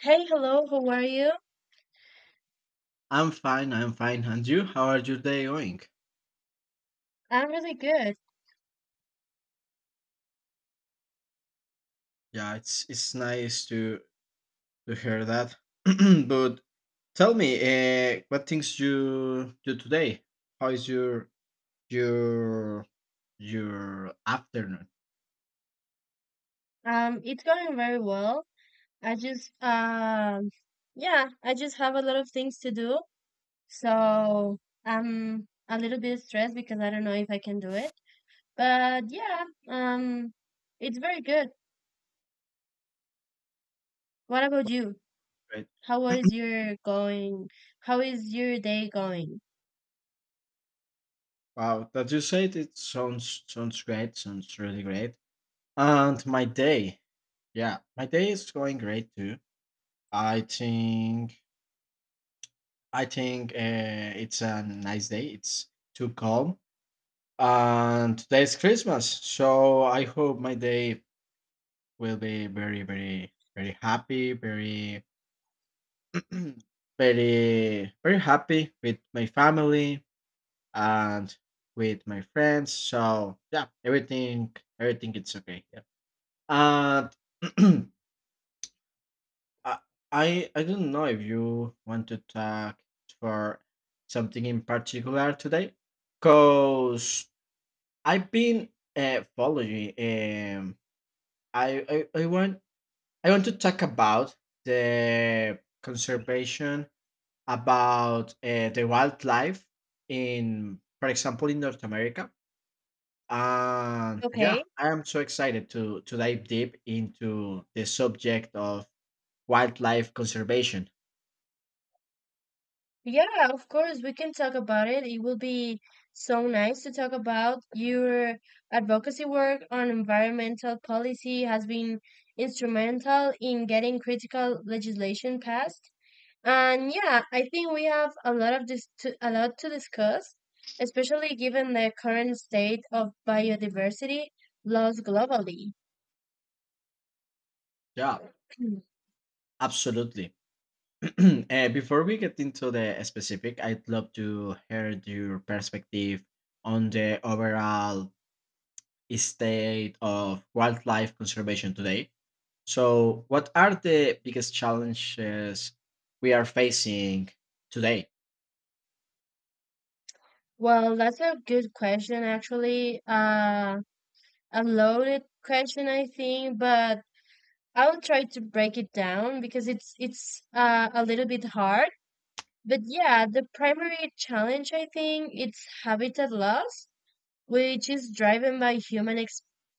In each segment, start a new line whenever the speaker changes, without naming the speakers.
Hey, hello, how are you?
I'm fine. I'm fine. And you? How are your day going?
I'm really good.
Yeah, it's nice to hear that. But tell me, what things you do today? How is your your afternoon?
It's going very well. I just, yeah, I just have a lot of things to do. So I'm a little bit stressed because I don't know if I can do it. But yeah, it's very good. What about you?
Right?
How is your going? How is your day going?
Wow, that you said it sounds great. Sounds really great. And my day, yeah, my day is going great too. I think I think it's a nice day. It's too calm and today's Christmas. So I hope my day will be very, very, very happy, very, very, very happy with my family and with my friends. So yeah, everything it's okay. Yeah, and I, I don't know if you want to talk for something in particular today, cause I've been following I, I I want I want to talk about the conservation about the wildlife in, for example, in North America. And yeah,
Okay.
I am so excited to dive deep into the subject of wildlife conservation.
Yeah, of course, we can talk about it. It will be so nice to talk about your advocacy work on environmental policy has been instrumental in getting critical legislation passed. And yeah, I think we have a lot of a lot to discuss, especially given the current state of biodiversity loss globally.
Yeah, absolutely. Before we get into the specific, I'd love to hear your perspective on the overall state of wildlife conservation today. So, what are the biggest challenges we are facing today?
Well, that's a good question, actually. A loaded question, I think, but I'll try to break it down because it's a little bit hard. But yeah, the primary challenge I think it's habitat loss, which is driven by human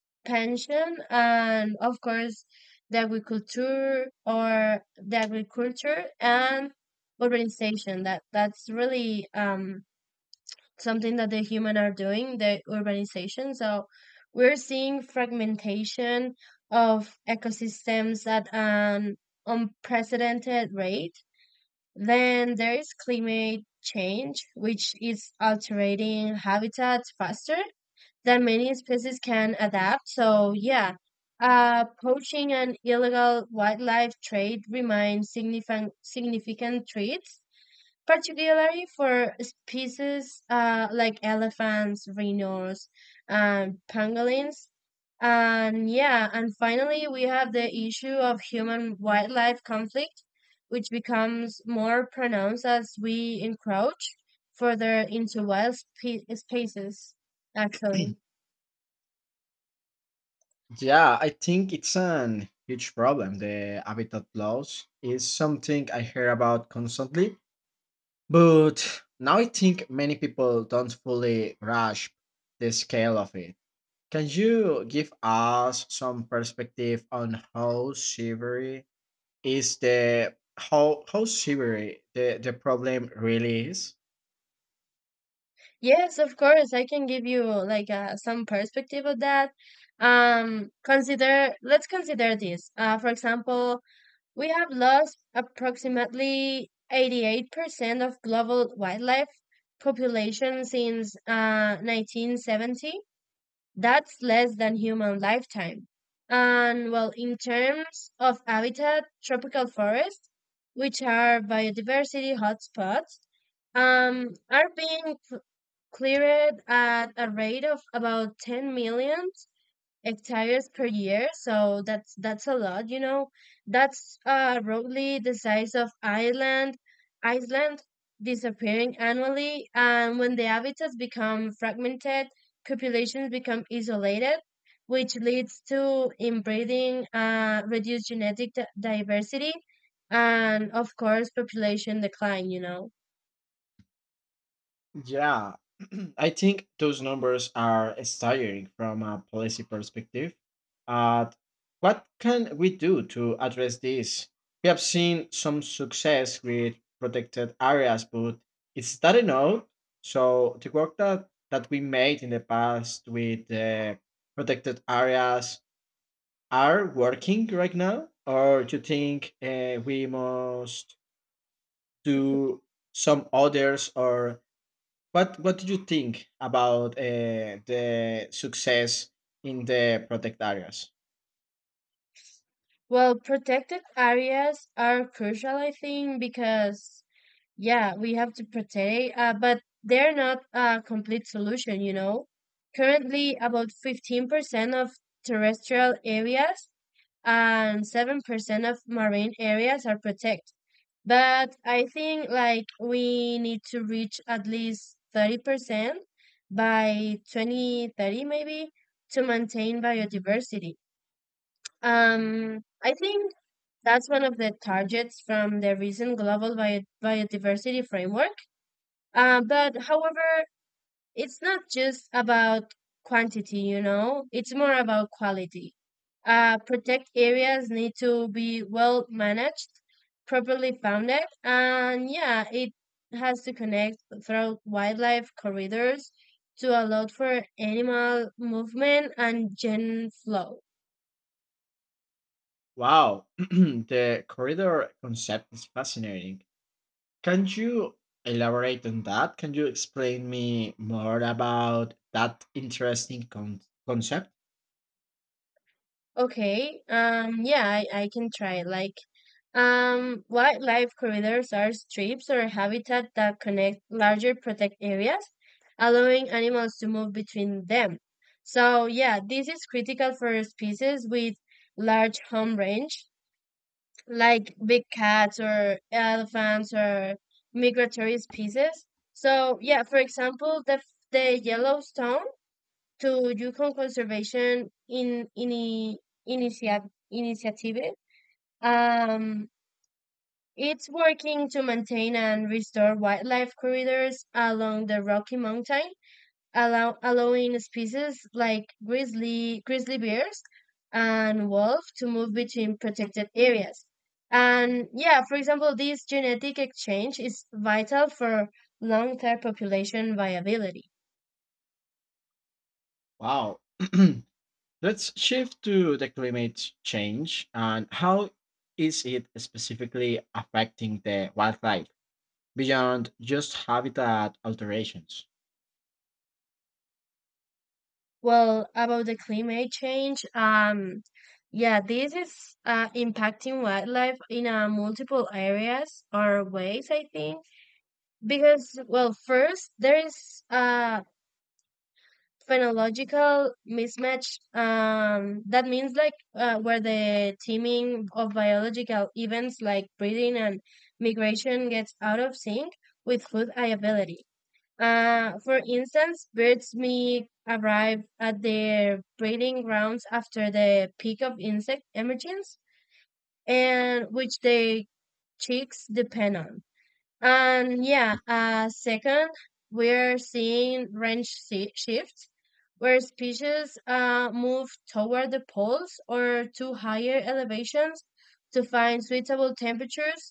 expansion and of course the agriculture and urbanization. That's really something that the human are doing the urbanization. So we're seeing fragmentation of ecosystems at an unprecedented rate. Then there is climate change which is altering habitats faster than many species can adapt. So yeah, poaching and illegal wildlife trade remain significant threats, particularly for species like elephants, rhinos, and pangolins. And yeah, and finally, we have the issue of human wildlife conflict, which becomes more pronounced as we encroach further into spaces, actually.
Yeah, I think it's an huge problem. The habitat loss is something I hear about constantly, but now I think many people don't fully grasp the scale of it. Can you give us some perspective on how severe the problem really is.
Yes, of course, I can give you like some perspective of that. Let's consider this. For example, we have lost approximately 88% of global wildlife population since 1970. That's less than human lifetime. And well, in terms of habitat, tropical forests, which are biodiversity hotspots, are being cleared at a rate of about 10 million hectares per year. So that's a lot, you know. That's roughly the size of ireland Iceland disappearing annually. And when the habitats become fragmented, populations become isolated, which leads to inbreeding, reduced genetic diversity, and of course population decline, you know.
Yeah, I think those numbers are staggering from a policy perspective. Uh, what can we do to address this? We have seen some success with protected areas, but it's not enough. So the work that we made in the past with protected areas are working right now, or you think we must do some others, or what? What do you think about the success in the protect areas?
Well, protected areas are crucial I think because yeah, we have to protect, but they're not a complete solution, you know. Currently, about 15% of terrestrial areas and 7% of marine areas are protected. But I think like we need to reach at least 30% by 2030 maybe to maintain biodiversity. I think that's one of the targets from the recent global biodiversity framework. But however, it's not just about quantity, you know, it's more about quality. Protect areas need to be well managed, properly founded, and yeah, it has to connect through wildlife corridors to allow for animal movement and gen flow.
Wow, the corridor concept is fascinating. Can you elaborate on that? Can you explain me more about that interesting concept?
Okay, yeah, I can try. Like, wildlife corridors are strips or habitat that connect larger protect areas, allowing animals to move between them. So, yeah, this is critical for species with large home range, like big cats or elephants or migratory species. So, yeah, for example, the Yellowstone to Yukon Conservation initiative. um it's working to maintain and restore wildlife corridors along the Rocky Mountain, allowing species like grizzly bears and wolf to move between protected areas. And yeah, for example, this genetic exchange is vital for long-term population viability.
Wow. Let's shift to the climate change and how is it specifically affecting the wildlife beyond just habitat alterations?
Well, about the climate change, yeah, this is impacting wildlife in multiple areas or ways, I think. Because, well, first, there is a phenological mismatch. That means like where the teaming of biological events like breeding and migration gets out of sync with food availability. For instance, birds may arrive at their breeding grounds after the peak of insect emergence, and which they chicks depend on. And yeah, second, we're seeing shifts where species move toward the poles or to higher elevations to find suitable temperatures.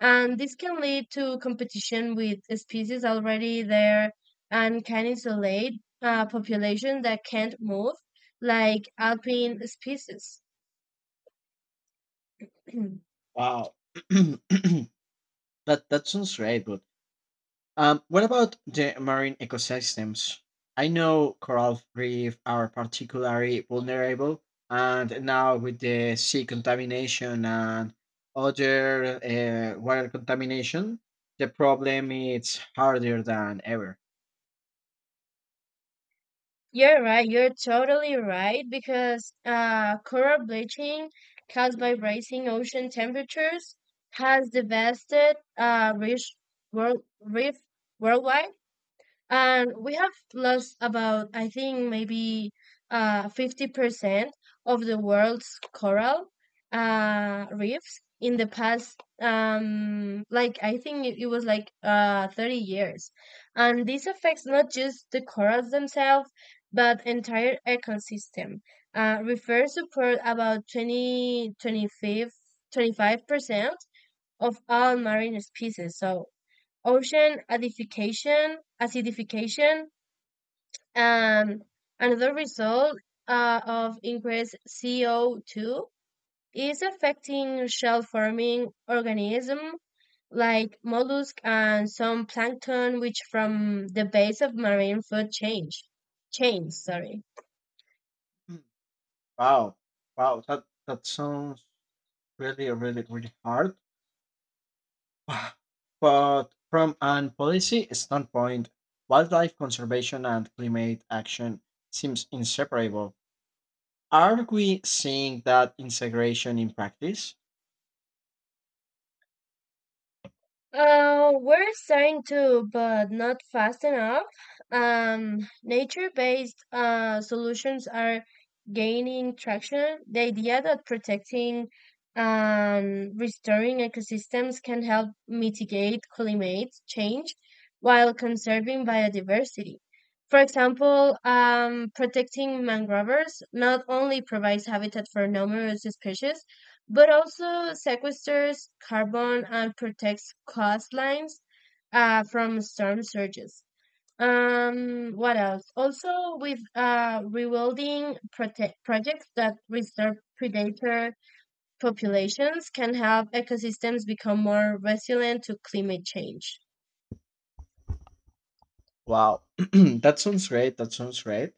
And this can lead to competition with species already there and can isolate population that can't move, like alpine species.
Wow, that that sounds great. But what about the marine ecosystems? I know coral reef are particularly vulnerable, and now with the sea contamination and other water contamination, the problem is harder than ever.
You're right. You're totally right because coral bleaching caused by rising ocean temperatures has devastated reef worldwide. And we have lost about I think maybe 50% of the world's coral reefs in the past, like I think it was like 30 years. And this affects not just the corals themselves but entire ecosystem. Refers support about twenty five percent of all marine species. So ocean acidification, and another result of increased CO2 is affecting shell-forming organisms like mollusk and some plankton, which from the base of marine food change chains. Sorry.
Mm. Wow. Wow. That sounds really, really, really hard. But from an policy standpoint, wildlife conservation and climate action seems inseparable. Are we seeing that integration in practice?
We're starting to, but not fast enough. Um, nature-based solutions are gaining traction. The idea that protecting, restoring ecosystems can help mitigate climate change while conserving biodiversity. For example, protecting mangroves not only provides habitat for numerous species, but also sequesters carbon and protects coastlines from storm surges. What else? Also, with rewilding projects that restore predator populations can help ecosystems become more resilient to climate change.
Wow. That sounds great. That sounds great.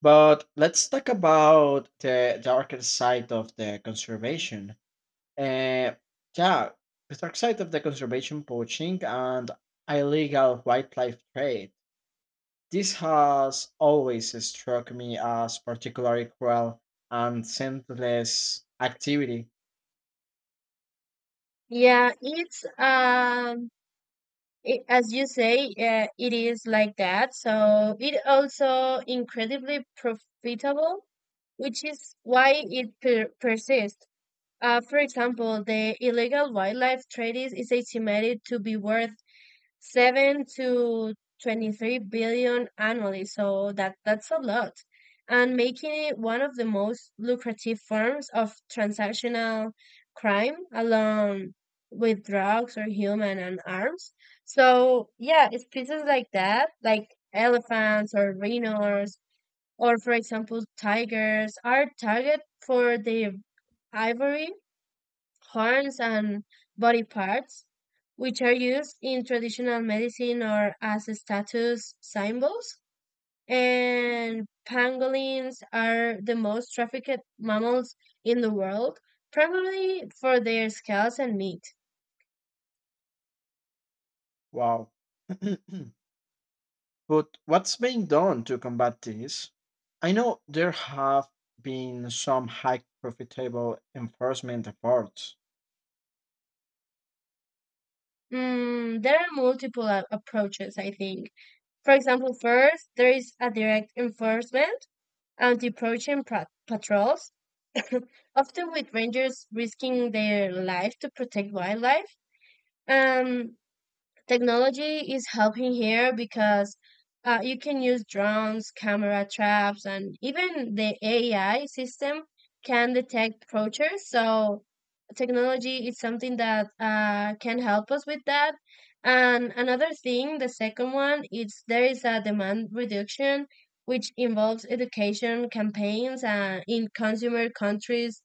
But let's talk about the darker side of the conservation. Uh, yeah, the dark side of the conservation poaching and illegal wildlife trade. This has always struck me as particularly cruel and senseless activity.
Yeah, as you say, it is like that. So it also incredibly profitable, which is why it persists. For example, the illegal wildlife trade is estimated to be worth seven to 23 billion annually. So that's a lot. And making it one of the most lucrative forms of transactional crime along with drugs or human and arms. So yeah, it's pieces like that, like elephants or rhinos or for example tigers are target for the ivory horns, and body parts, which are used in traditional medicine or as status symbols. And pangolins are the most trafficked mammals in the world, probably for their scales and meat.
Wow. But what's being done to combat this? I know there have been some high profitable enforcement efforts.
There are multiple approaches, I think. For example, first, there is a direct enforcement, anti-poaching patrols, often with rangers risking their life to protect wildlife. Um, technology is helping here because you can use drones, camera traps, and even the AI system can detect poachers. So technology is something that can help us with that. And another thing, the second one, is there is a demand reduction, which involves education campaigns in consumer countries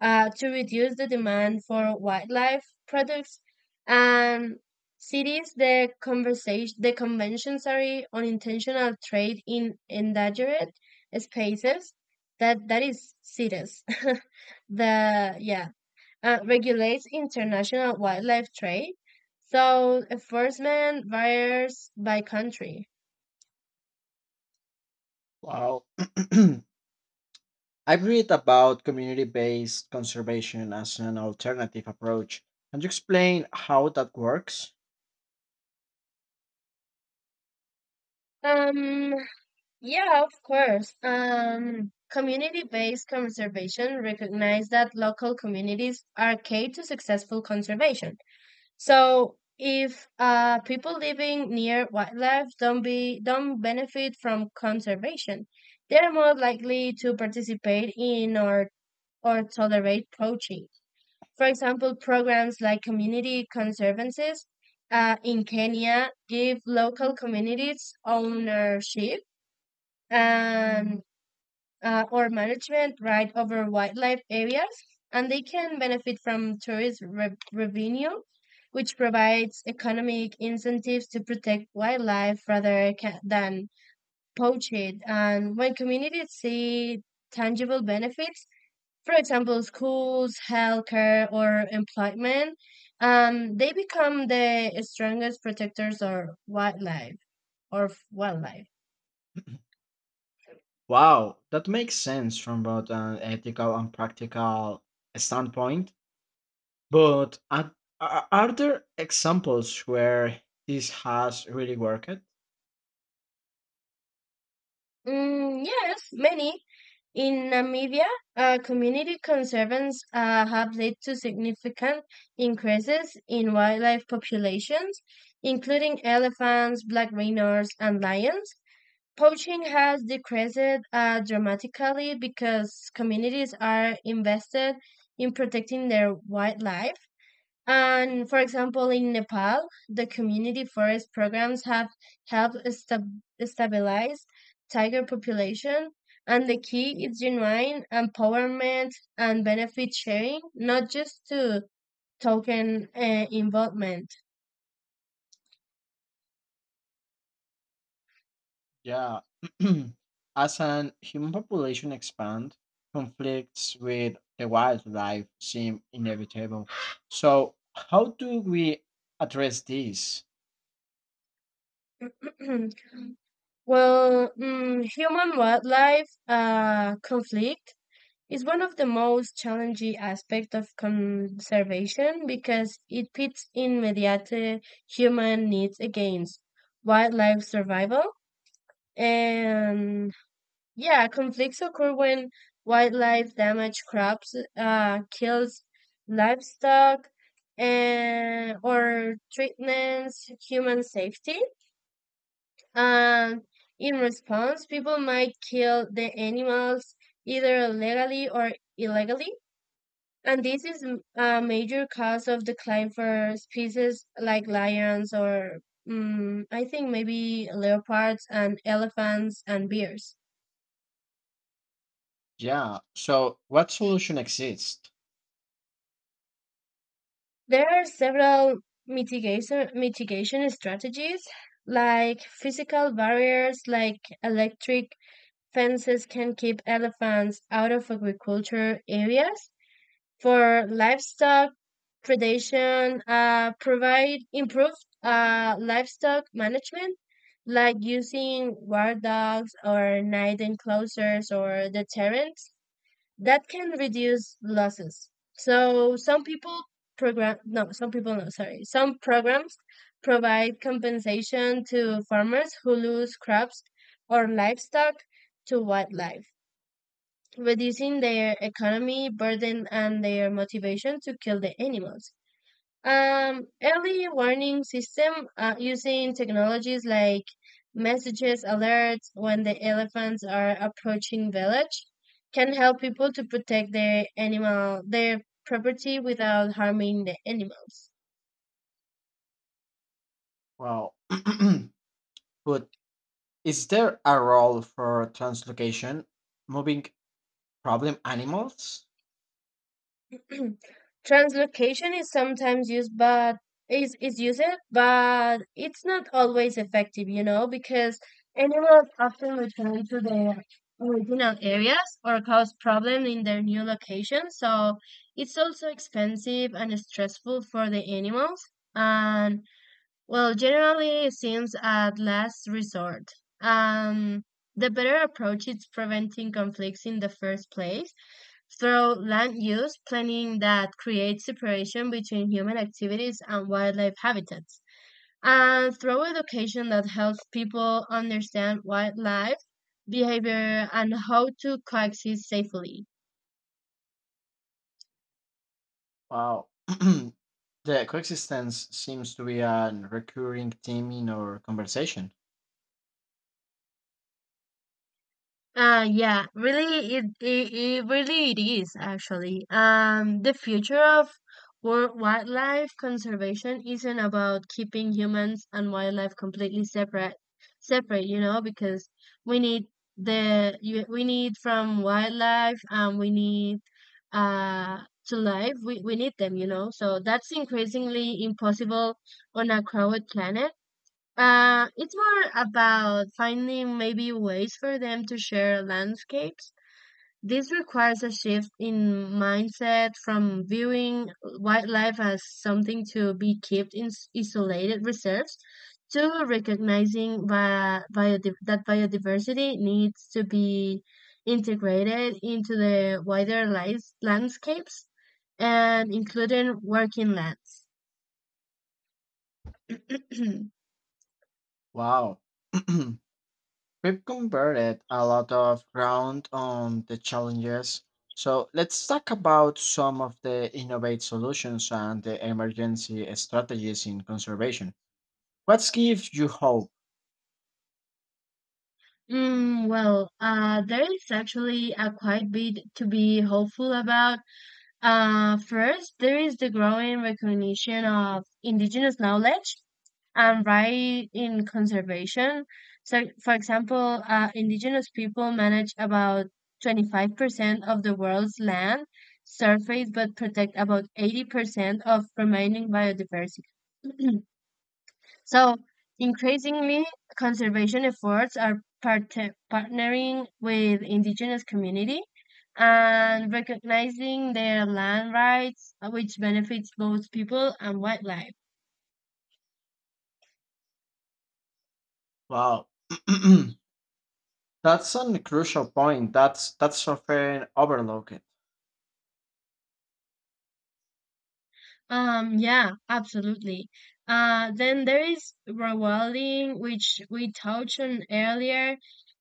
to reduce the demand for wildlife products. And cities, the conversation, the convention, sorry, on intentional trade in endangered spaces. That is CITES. the yeah regulates international wildlife trade, so enforcement varies by country.
Wow. I've read about community based conservation as an alternative approach. Can you explain how that works?
Um, Yeah, of course. Community-based conservation recognize that local communities are key to successful conservation. So if people living near wildlife don't benefit from conservation, they're more likely to participate in or tolerate poaching. For example, programs like community conservancies in Kenya give local communities ownership and or management right over wildlife areas, and they can benefit from tourist revenue, which provides economic incentives to protect wildlife than poach it. And when communities see tangible benefits, for example, schools, healthcare, or employment, they become the strongest protectors of wildlife.
Wow, that makes sense from both an ethical and practical standpoint. But are, are there examples where this has really worked?
Yes, many. In Namibia, community concerns have led to significant increases in wildlife populations, including elephants, black rhinos, and lions. Poaching has decreased dramatically because communities are invested in protecting their wildlife. And for example, in Nepal, the community forest programs have helped stabilize tiger population. And the key is genuine empowerment and benefit sharing, not just to token involvement.
Yeah. As an human population expand, conflicts with the wildlife seem inevitable. So, how do we address this?
Well, human wildlife conflict is one of the most challenging aspects of conservation because it pits immediate human needs against wildlife survival. And yeah, conflicts occur when wildlife damage crops, kills livestock, and or threatens human safety. And in response, people might kill the animals either legally or illegally. And this is a major cause of decline for species like lions or I think maybe leopards and elephants and bears.
Yeah. So, what solution exists?
There are several mitigation strategies like physical barriers like electric fences can keep elephants out of agriculture areas. For livestock predation, provide improved livestock management, like using guard dogs or night enclosures or deterrents that can reduce losses. So some people program no, some people no, sorry, some programs provide compensation to farmers who lose crops or livestock to wildlife, reducing their economy burden and their motivation to kill the animals. Early warning system using technologies like messages alerts when the elephants are approaching village can help people to protect their property without harming the animals.
Well, but is there a role for translocation, moving problem animals?
Translocation is sometimes used, but is is used, it's not always effective, you know, because animals often return to their original areas or cause problems in their new location. So it's also expensive and stressful for the animals, and well, generally it seems at last resort. Um, the better approach is preventing conflicts in the first place through land use planning that creates separation between human activities and wildlife habitats, and through education that helps people understand wildlife behavior and how to coexist safely.
Wow. the coexistence seems to be a recurring theme in our conversation.
Yeah, really, it really it is actually. The future of wildlife conservation isn't about keeping humans and wildlife completely separate, separate, you know, because we need the we need from wildlife and we need uh to life. We need them. So that's increasingly impossible on a crowded planet, it's more about finding maybe ways for them to share landscapes. This requires a shift in mindset from viewing wildlife as something to be kept in isolated reserves to recognizing that biodiversity needs to be integrated into the wider life landscapes and including working lands.
Wow. We've converted a lot of ground on the challenges. So, let's talk about some of the innovative solutions and the emergency strategies in conservation. What gives you hope?
Mm, well, there is actually a quite bit to be hopeful about. First, there is the growing recognition of indigenous knowledge and right in conservation. So, for example, indigenous people manage about 25% of the world's land surface, but protect about 80% of remaining biodiversity. So increasingly, conservation efforts are partnering with indigenous community and recognizing their land rights, which benefits both people and wildlife.
Wow. That's a crucial point. That's often overlooked.
Yeah, absolutely. Then there is rewilding, which we touched on earlier.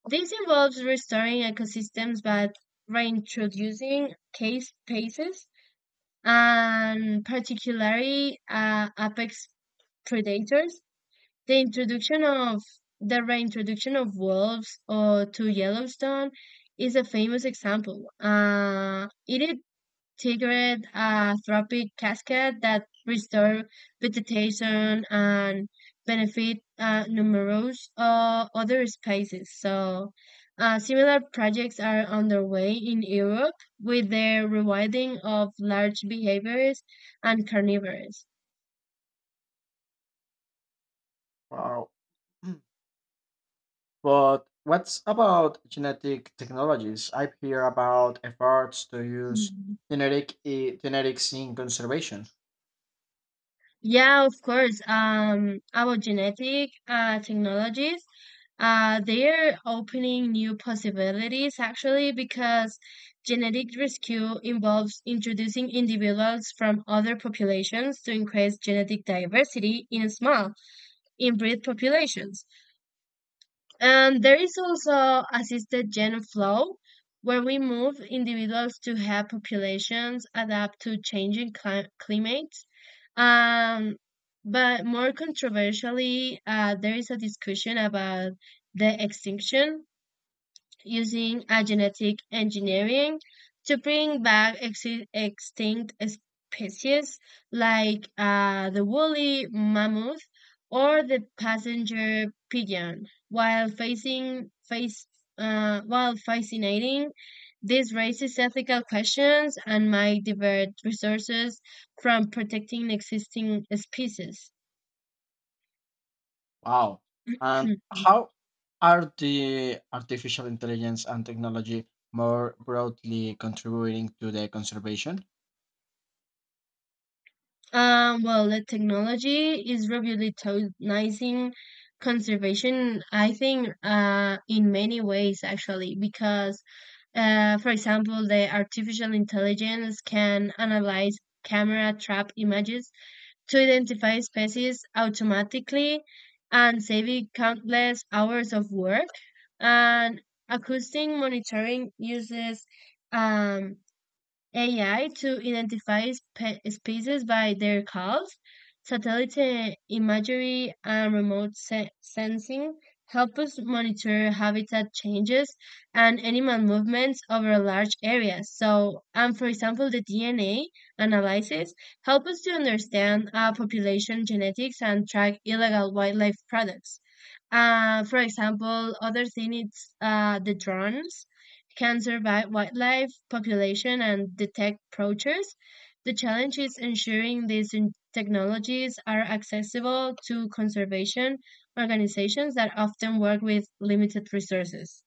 This involves restoring ecosystems by reintroducing cave spaces and particularly apex predators, the introduction of the reintroduction of wolves to Yellowstone is a famous example. It is triggered a trophic cascade that restore vegetation and benefit numerous other species. So, similar projects are underway in Europe with the rewilding of large behaviors and carnivores.
Wow. But what's about genetic technologies? I hear about efforts to use genetics in conservation.
Yeah, of course. Our genetic technologies, they're opening new possibilities actually because genetic rescue involves introducing individuals from other populations to increase genetic diversity in small inbred populations. And there is also assisted gene flow, where we move individuals to help populations adapt to changing climates. Um, but more controversially, there is a discussion about the extinction using genetic engineering to bring back extinct species like the woolly mammoth or the passenger pigeon, while facing face while fascinating. This raises ethical questions and might divert resources from protecting existing species.
Wow. And how are the artificial intelligence and technology more broadly contributing to the conservation?
Well, the technology is revolutionizing conservation, I think, in many ways, actually, because, for example, the artificial intelligence can analyze camera trap images to identify species automatically and saving countless hours of work. And acoustic monitoring uses, um, AI to identify species by their calls, satellite imagery, and remote sensing help us monitor habitat changes and animal movements over large areas. So, and for example, the DNA analysis help us to understand population genetics and track illegal wildlife products. For example, other thing is the drones can survey wildlife population and detect poachers. The challenge is ensuring these technologies are accessible to conservation organizations that often work with limited resources.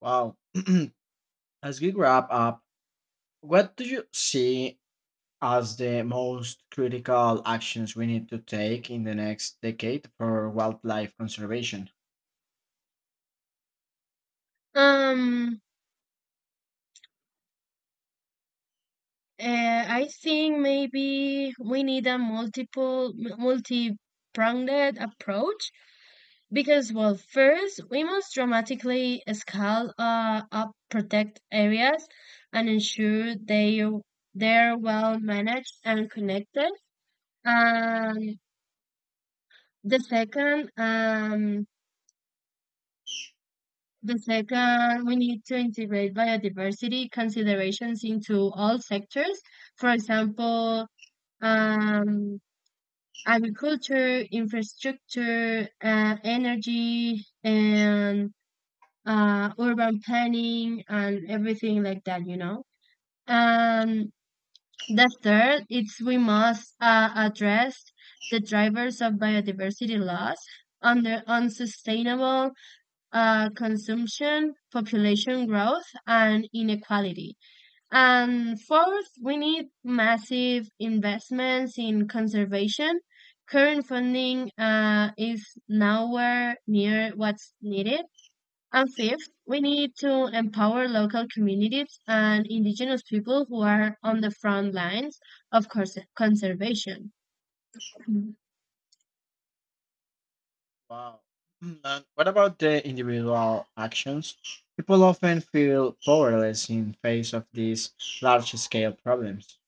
Wow. As we wrap up, what do you see as the most critical actions we need to take in the next decade for wildlife conservation.
Um, I think maybe we need a multi-pronged approach. Because, well, first, we must dramatically scale up protect areas and ensure they're well managed and connected. And the second, um, the second, we need to integrate biodiversity considerations into all sectors. For example, um, agriculture, infrastructure, energy, and urban planning and everything like that, you know. And the third, it's we must address the drivers of biodiversity loss under unsustainable consumption, population growth, and inequality. And fourth, we need massive investments in conservation. Current funding is nowhere near what's needed, and fifth, we need to empower local communities and indigenous people who are on the front lines of conservation. Mhm.
Wow. Mm, and what about the individual actions? People often feel powerless in face of these large scale problems.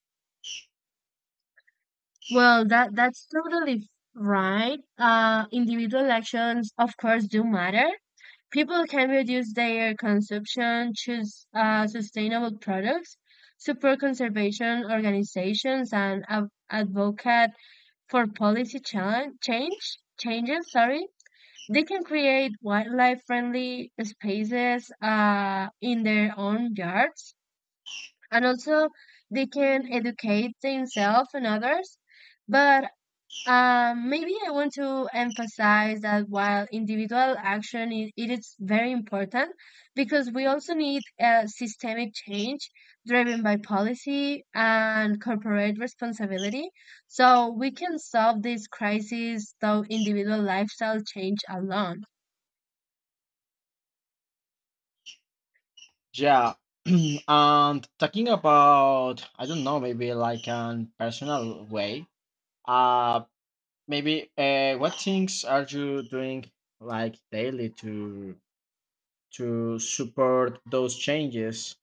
Well, that's totally right. Individual actions, of course, do matter. People can reduce their consumption, choose sustainable products, support conservation organizations, and advocate for policy challenge, change changes. Sorry. They can create wildlife friendly spaces in their own yards. And also, they can educate themselves and others. But maybe I want to emphasize that while it is very important, because we also need a systemic change driven by policy and corporate responsibility. So we can solve this crisis through individual lifestyle change alone.
Yeah. And talking about I don't know, maybe like an personal way. Uh maybe what things are you doing like daily to support those changes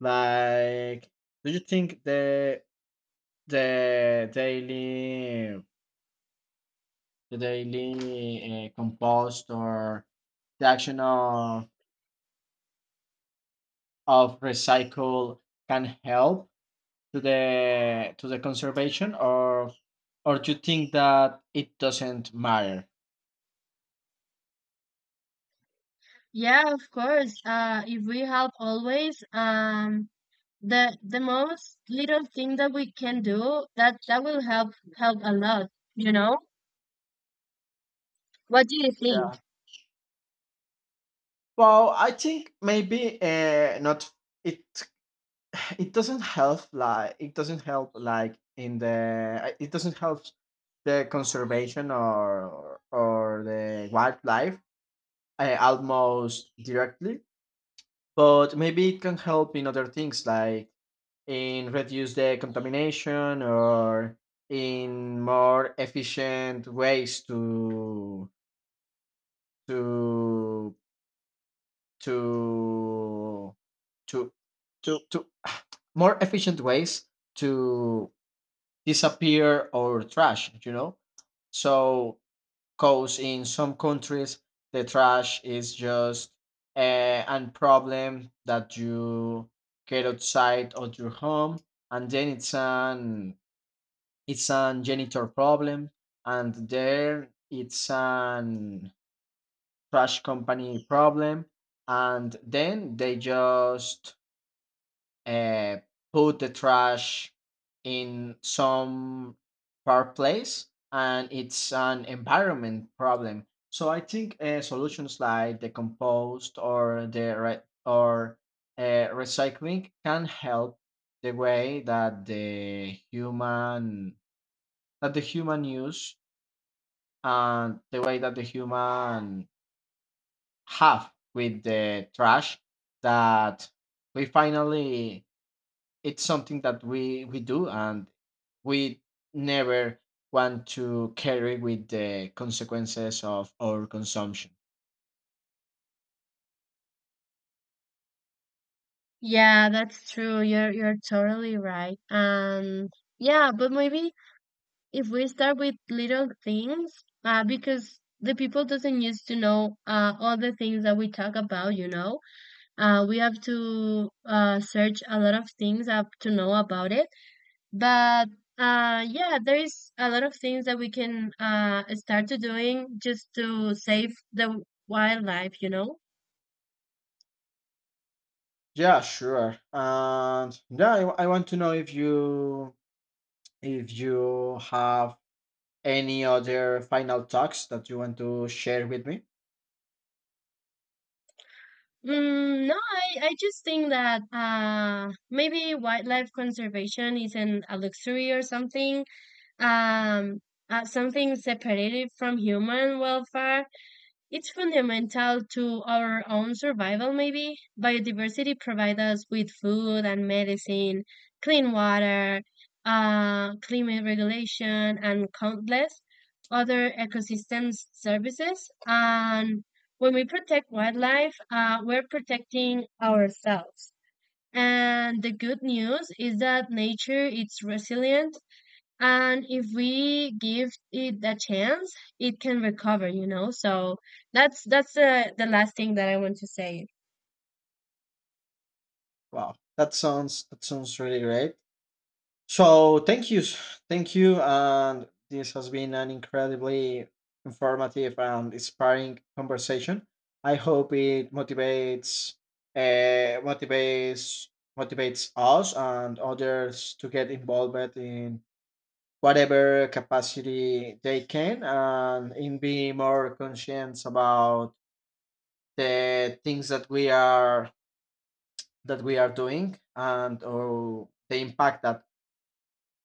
like do you think the daily the daily compost or the action of recycle can help to the conservation or do you think that it doesn't matter?
Yeah, of course. If we help always, the most little thing that we can do that that will help help a lot. You know? What do you think?
Yeah, well I think maybe not it it doesn't help, like it doesn't help like in the it doesn't help the conservation or the wildlife almost directly, but maybe it can help in other things like in reduce the contamination or in more efficient ways to to to to more efficient ways to disappear or trash, you know? So, cause in some countries, the trash is just a problem that you get outside of your home, and then it's an janitor problem, and there it's an trash company problem, and then they just uh, put the trash in some far place and it's an environment problem. So I think solutions like the compost or recycling can help the way that the human use and the way that the human have with the trash that we finally it's something that we do and we never want to carry with the consequences of our consumption.
Yeah, that's true. You're totally right. Yeah, but maybe if we start with little things, because the people doesn't used to know all the things that we talk about. You know, we have to search a lot of things up to know about it. But yeah, there is a lot of things that we can start to doing just to save the wildlife, you know?
Yeah, sure. And yeah, I want to know if you have any other final talks that you want to share with me.
Mm, no, I just think that maybe wildlife conservation isn't a luxury or something, um, something separated from human welfare. It's fundamental to our own survival, maybe. Biodiversity provides us with food and medicine, clean water, climate regulation, and countless other ecosystem services. And when we protect wildlife, we're protecting ourselves. And the good news is that nature is resilient, and if we give it a chance it can recover, you know. So that's the last thing that I want to say.
Wow, that sounds really great. So thank you, and this has been an incredibly informative and inspiring conversation. I hope it uh, motivates, motivates us and others to get involved in whatever capacity they can, and in being more conscious about the things that we are doing and or the impact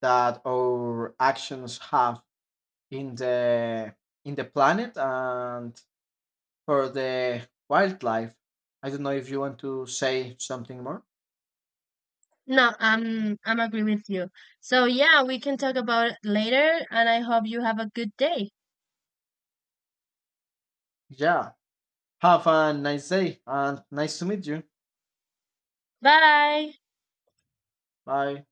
that our actions have in the planet and for the wildlife. I don't know if you want to say something more.
No, I'm agree with you, so yeah, we can talk about it later, and I hope you have a good day.
Yeah. Have a nice day and nice to meet you.
Bye.
Bye.